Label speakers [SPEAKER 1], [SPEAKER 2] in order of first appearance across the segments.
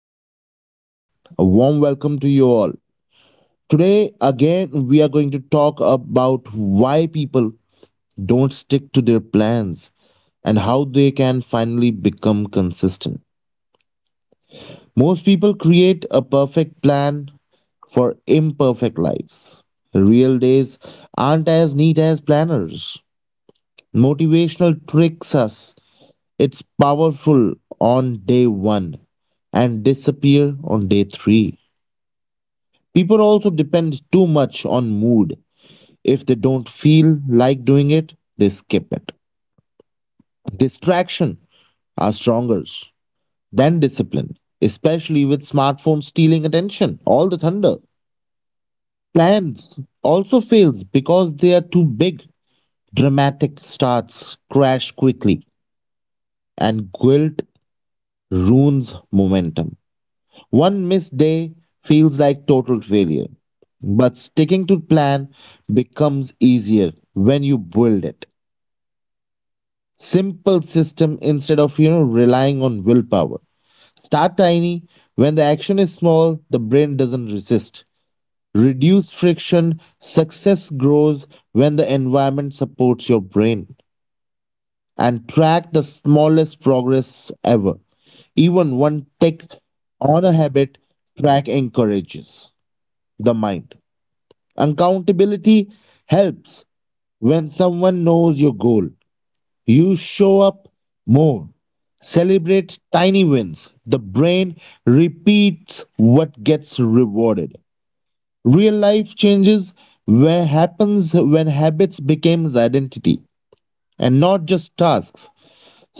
[SPEAKER 1] back, everyone. A warm welcome to you all. Today, again, we are going to talk about why people don't stick to their plans and how they can finally become consistent. Most people create a perfect plan for imperfect lives. Real days aren't as neat as planners. Motivational tricks us. It's powerful on day one and disappear on day three. People also depend too much on mood. If they don't feel like doing it, they skip it. Distraction are stronger than discipline, especially with smartphones stealing attention, all the thunder. Plans also fails because they are too big. Dramatic starts crash quickly and guilt ruins momentum. One missed day feels like total failure, but sticking to plan becomes easier when you build it. Simple system instead of relying on willpower. Start tiny. When the action is small, the brain doesn't resist. Reduce friction. Success grows when the environment supports your brain. And track the smallest progress ever. Even one tick on a habit track encourages the mind. Accountability helps when someone knows your goal. You show up more. Celebrate tiny wins. The brain repeats what gets rewarded. Real life changes where happens when habits becomes identity and not just tasks.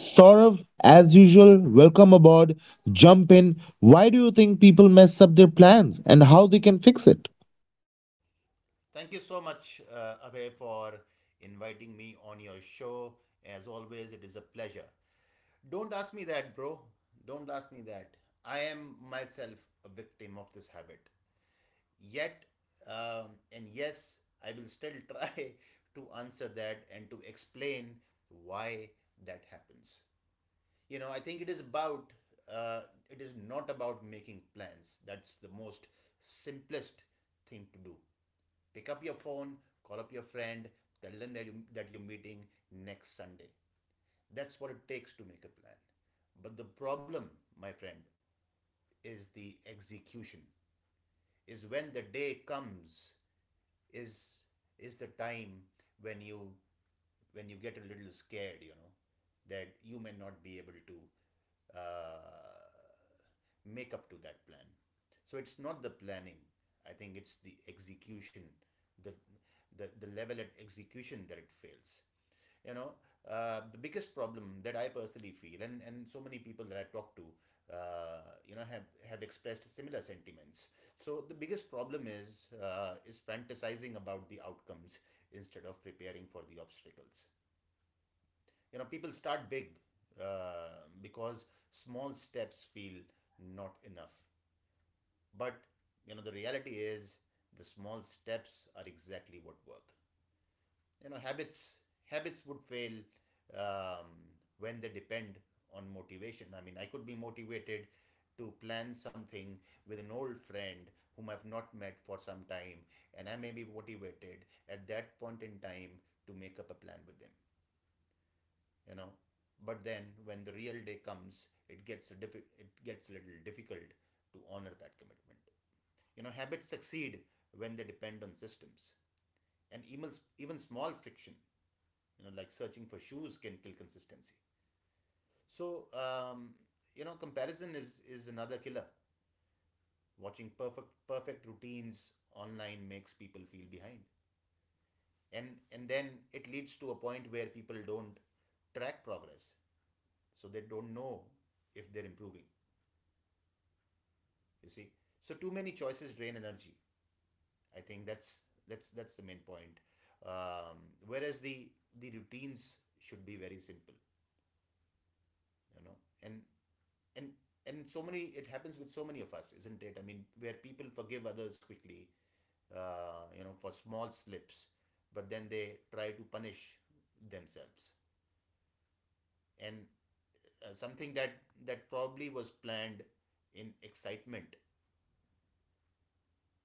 [SPEAKER 1] Saurav, as usual, welcome aboard. Jump in. Why do you think people mess up their plans and how they can fix it?
[SPEAKER 2] Thank you so much, Abhay, for inviting me on your show. As always, it is a pleasure. Don't ask me that, bro. Don't ask me that. I am myself a victim of this habit. Yet, and yes, I will still try to answer that and to explain why that happens. I think it is about, uh, it is not about making plans. That's the most simplest thing to do. Pick up your phone, call up your friend, tell them that you're meeting next Sunday. That's what it takes to make a plan. But the problem, my friend, is the execution. Is when the day comes, is is the time when you when you get a little scared, that you may not be able to uh, make up to that plan. So it's not the planning. I think it's the execution, the the level at execution that it fails. You know, the biggest problem that I personally feel, and so many people that I talk to, uh, you know, have, have expressed similar sentiments. So the biggest problem is fantasizing about the outcomes instead of preparing for the obstacles. You know, people start big because small steps feel not enough. But you know the reality is the small steps are exactly what work. You know, habits would fail um, when they depend on motivation. I mean, I could be motivated to plan something with an old friend whom I've not met for some time, and I may be motivated at that point in time to make up a plan with them, you know. But then when the real day comes it gets it gets a little difficult to honor that commitment. You know, habits succeed when they depend on systems. And even small friction, you know, like searching for shoes can kill consistency. So you know, comparison is another killer. Watching perfect routines online makes people feel behind, and then it leads to a point where people don't track progress. So they don't know if they're improving, you see. So too many choices drain energy. I think that's the main point. um, whereas the routines should be very simple, you know. And and and so many, it happens with so many of us, isn't it? I mean, where people forgive others quickly, you know, for small slips, but then they try to punish themselves. And something that that probably was planned in excitement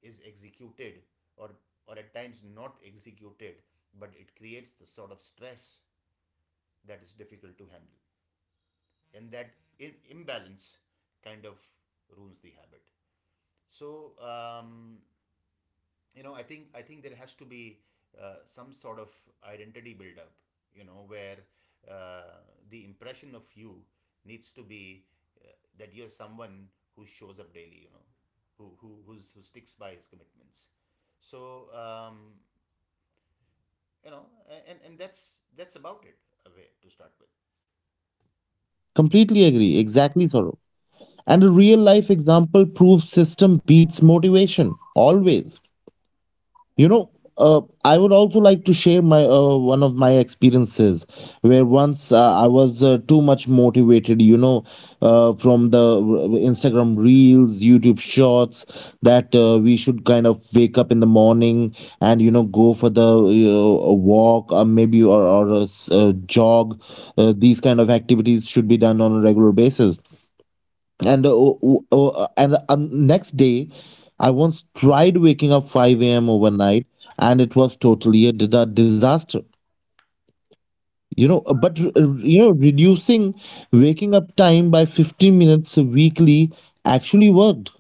[SPEAKER 2] is executed, or or at times not executed, but it creates the sort of stress that is difficult to handle, and that imbalance kind of ruins the habit. So you know, I think there has to be some sort of identity build up, you know, where uh, the impression of you needs to be uh, that you're someone who shows up daily, you know, who sticks by his commitments. So um, you know, and that's about it. Abhay, to start with.
[SPEAKER 1] Completely agree. Exactly, Saurav. And a real life example proves system beats motivation always. You know, I would also like to share my one of my experiences where once I was too much motivated, from the Instagram reels, YouTube shorts that we should kind of wake up in the morning, and go for the a walk, or maybe, or a jog. These kind of activities should be done on a regular basis, and and next day I once tried waking up 5 a.m. overnight, and it was totally a disaster. But reducing waking up time by 15 minutes weekly actually worked.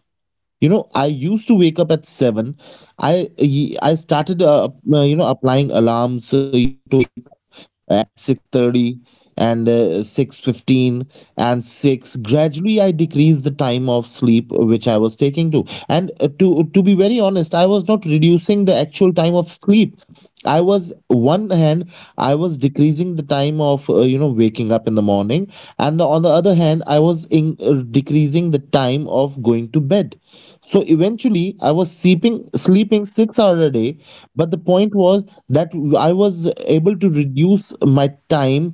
[SPEAKER 1] I used to wake up at 7. I started applying alarms, so to wake up at 6:30, and 6:15, and 6. Gradually I decreased the time of sleep, which I was taking to. And to be very honest, I was not reducing the actual time of sleep. I was, one hand, I was decreasing the time of waking up in the morning, and on the other hand I was decreasing the time of going to bed. So eventually I was sleeping 6 hours a day. But the point was that I was able to reduce my time.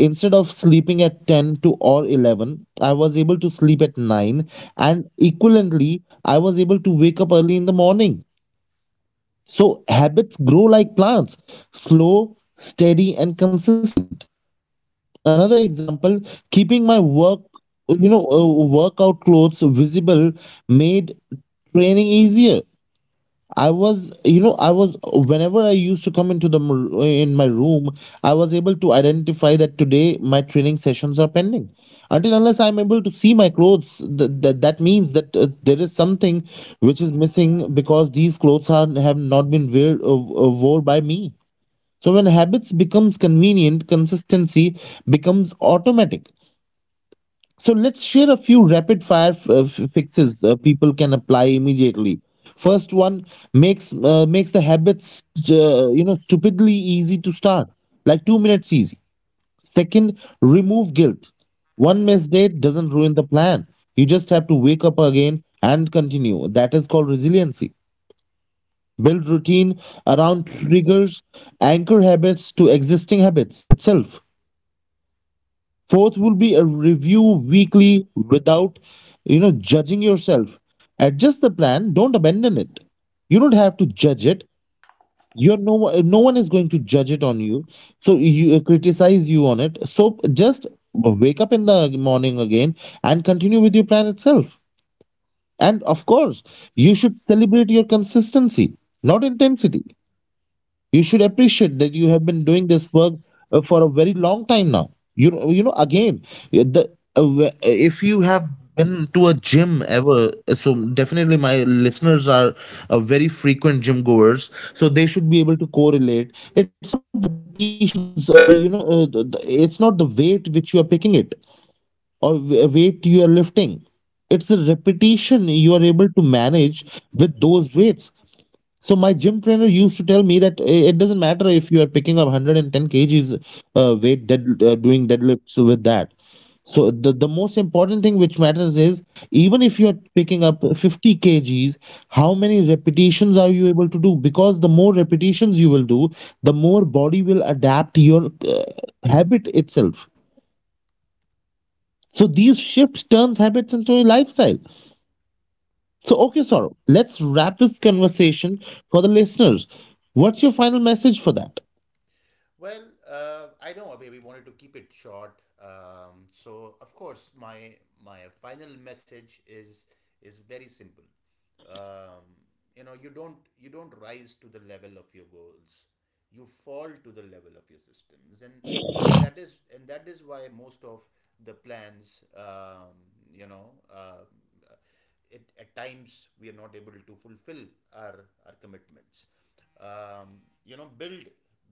[SPEAKER 1] Instead of sleeping at 10 to or 11, I was able to sleep at 9, and equivalently I was able to wake up early in the morning. So habits grow like plants, slow, steady and consistent. Another example, keeping my you know uh, workout clothes visible made training easier. I was you know i was whenever I used to come into in my room, I was able to identify that today my training sessions are pending, until unless I'm able to see my clothes. That means that there is something which is missing, because these clothes have not been wore by me. So when habits becomes convenient, consistency becomes automatic. So let's share a few rapid fire fixes people can apply immediately. First one, makes the habits stupidly easy to start, like 2 minutes easy. Second, remove guilt. One missed date doesn't ruin the plan. You just have to wake up again and continue. That is called resiliency. Build routine around triggers, anchor habits to existing habits itself. Fourth will be a review weekly without, judging yourself. Adjust the plan. Don't abandon it. You don't have to judge it. You're no no one is going to judge it on you. So you criticize you on it. So just wake up in the morning again and continue with your plan itself. And of course, you should celebrate your consistency, not intensity. You should appreciate that you have been doing this work for a very long time now. Again, uh, the if you have been to a gym ever, so definitely my listeners are very frequent gym goers, so they should be able to correlate. It's not the repetitions, it's not the weight which you are picking it, or weight you are lifting. It's the repetition you are able to manage with those weights. So my gym trainer used to tell me that it doesn't matter if you are picking up 110 kgs weight, doing deadlifts with that. So the most important thing which matters is, even if you are picking up 50 kgs, how many repetitions are you able to do? Because the more repetitions you will do, the more body will adapt your habit itself. So these shifts turns habits into a lifestyle. So okay, Saurabh, let's wrap this conversation for the listeners. What's your final message for that?
[SPEAKER 2] Well, I know, Abhay, we wanted to keep it short. So, of course, my final message is very simple. Um, you don't rise to the level of your goals. You fall to the level of your systems, and and that is why most of the plans, you know, uh, it, at times we are not able to fulfill our commitments. Um, you know build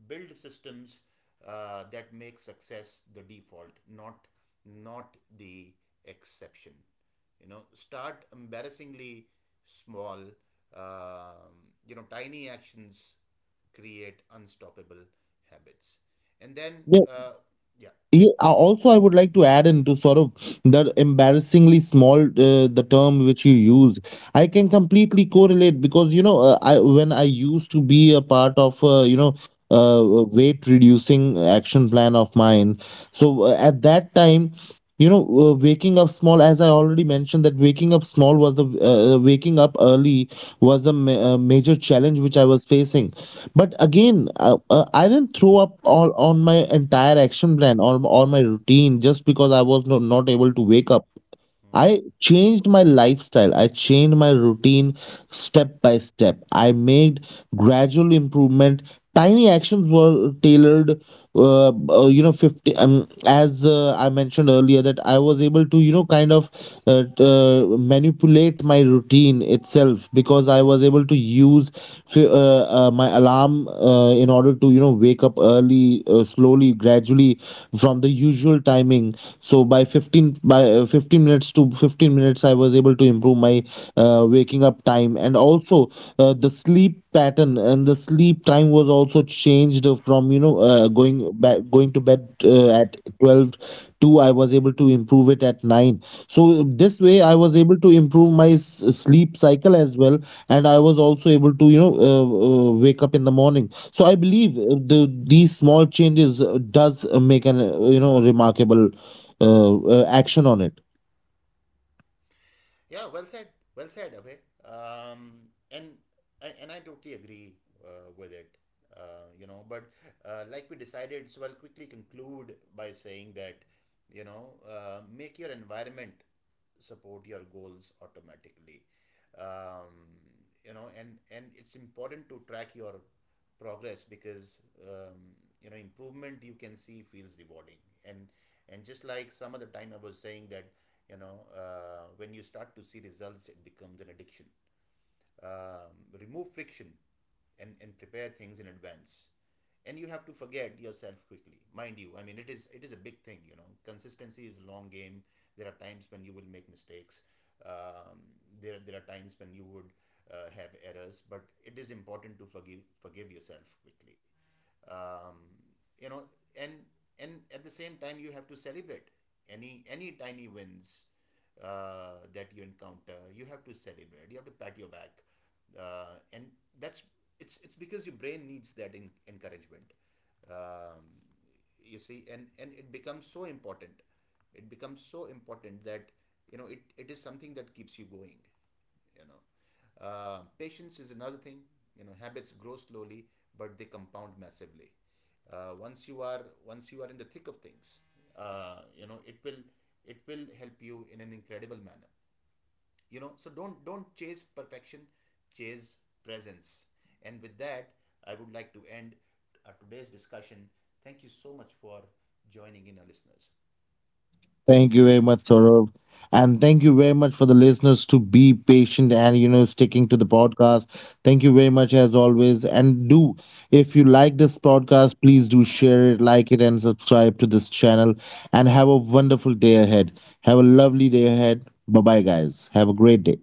[SPEAKER 2] build systems that make success the default, not not the exception. You know, start embarrassingly small. um, you know, tiny actions create unstoppable habits. And then
[SPEAKER 1] Yeah,
[SPEAKER 2] yeah
[SPEAKER 1] yeah. Also, I would like to add into sort of the embarrassingly small, the term which you used. I can completely correlate, because you know I when I used to be a part of, weight reducing action plan of mine. So at that time, waking up small, as I already mentioned, that waking up small was the waking up early was the major challenge which I was facing. But again, I didn't throw up all on my entire action plan, or my routine, just because I was not able to wake up.
[SPEAKER 2] Hmm.
[SPEAKER 1] I changed my lifestyle. I changed my routine step by step. I made gradual improvement. Tiny actions were tailored, 50. As I mentioned earlier, that I was able to, kind of manipulate my routine itself, because I was able to use my alarm, in order to, wake up early, slowly, gradually, from the usual timing. So by 15, by 15 minutes to 15 minutes, I was able to improve my waking up time, and also the sleep pattern and the sleep time was also changed from going to bed at 12 to I was able to improve it at 9. So this way I was able to improve my sleep cycle as well. And I was also able to wake up in the morning. So I believe these small changes does make an remarkable action on it.
[SPEAKER 2] Yeah, well said. Well said, Abhay. And I totally agree with it. You know, but like we decided, so I'll quickly conclude by saying that you know, make your environment support your goals automatically. Um, you know, and it's important to track your progress because um, you know, improvement you can see feels rewarding. and and just like some other time I was saying that you know when you start to see results it becomes an addiction. Remove friction, and prepare things in advance, and you have to forget yourself quickly, mind you. I mean, it is a big thing, you know. Consistency is a long game. There are times when you will make mistakes. um, there are times when you would have errors, but it is important to forgive yourself quickly. Um, you know and and at the same time you have to celebrate any tiny wins that you encounter. You have to celebrate, you have to pat your back, and that's it's because your brain needs that encouragement. um, you see, and it becomes so important. It becomes so important that you know it is something that keeps you going. You know, patience is another thing, you know. Habits grow slowly, but they compound massively. Once you are in the thick of things, you know, it will help you in an incredible manner, you know. So don't chase perfection, chase presence. And with that, I would like to end today's discussion. Thank you so much for joining in, our listeners.
[SPEAKER 1] Thank you very much, Saurav. And thank you very much for the listeners to be patient, and sticking to the podcast. Thank you very much as always. And do if you like this podcast, please do share it, like it, and subscribe to this channel. And have a wonderful day ahead. Have a lovely day ahead. Bye bye guys. Have a great day.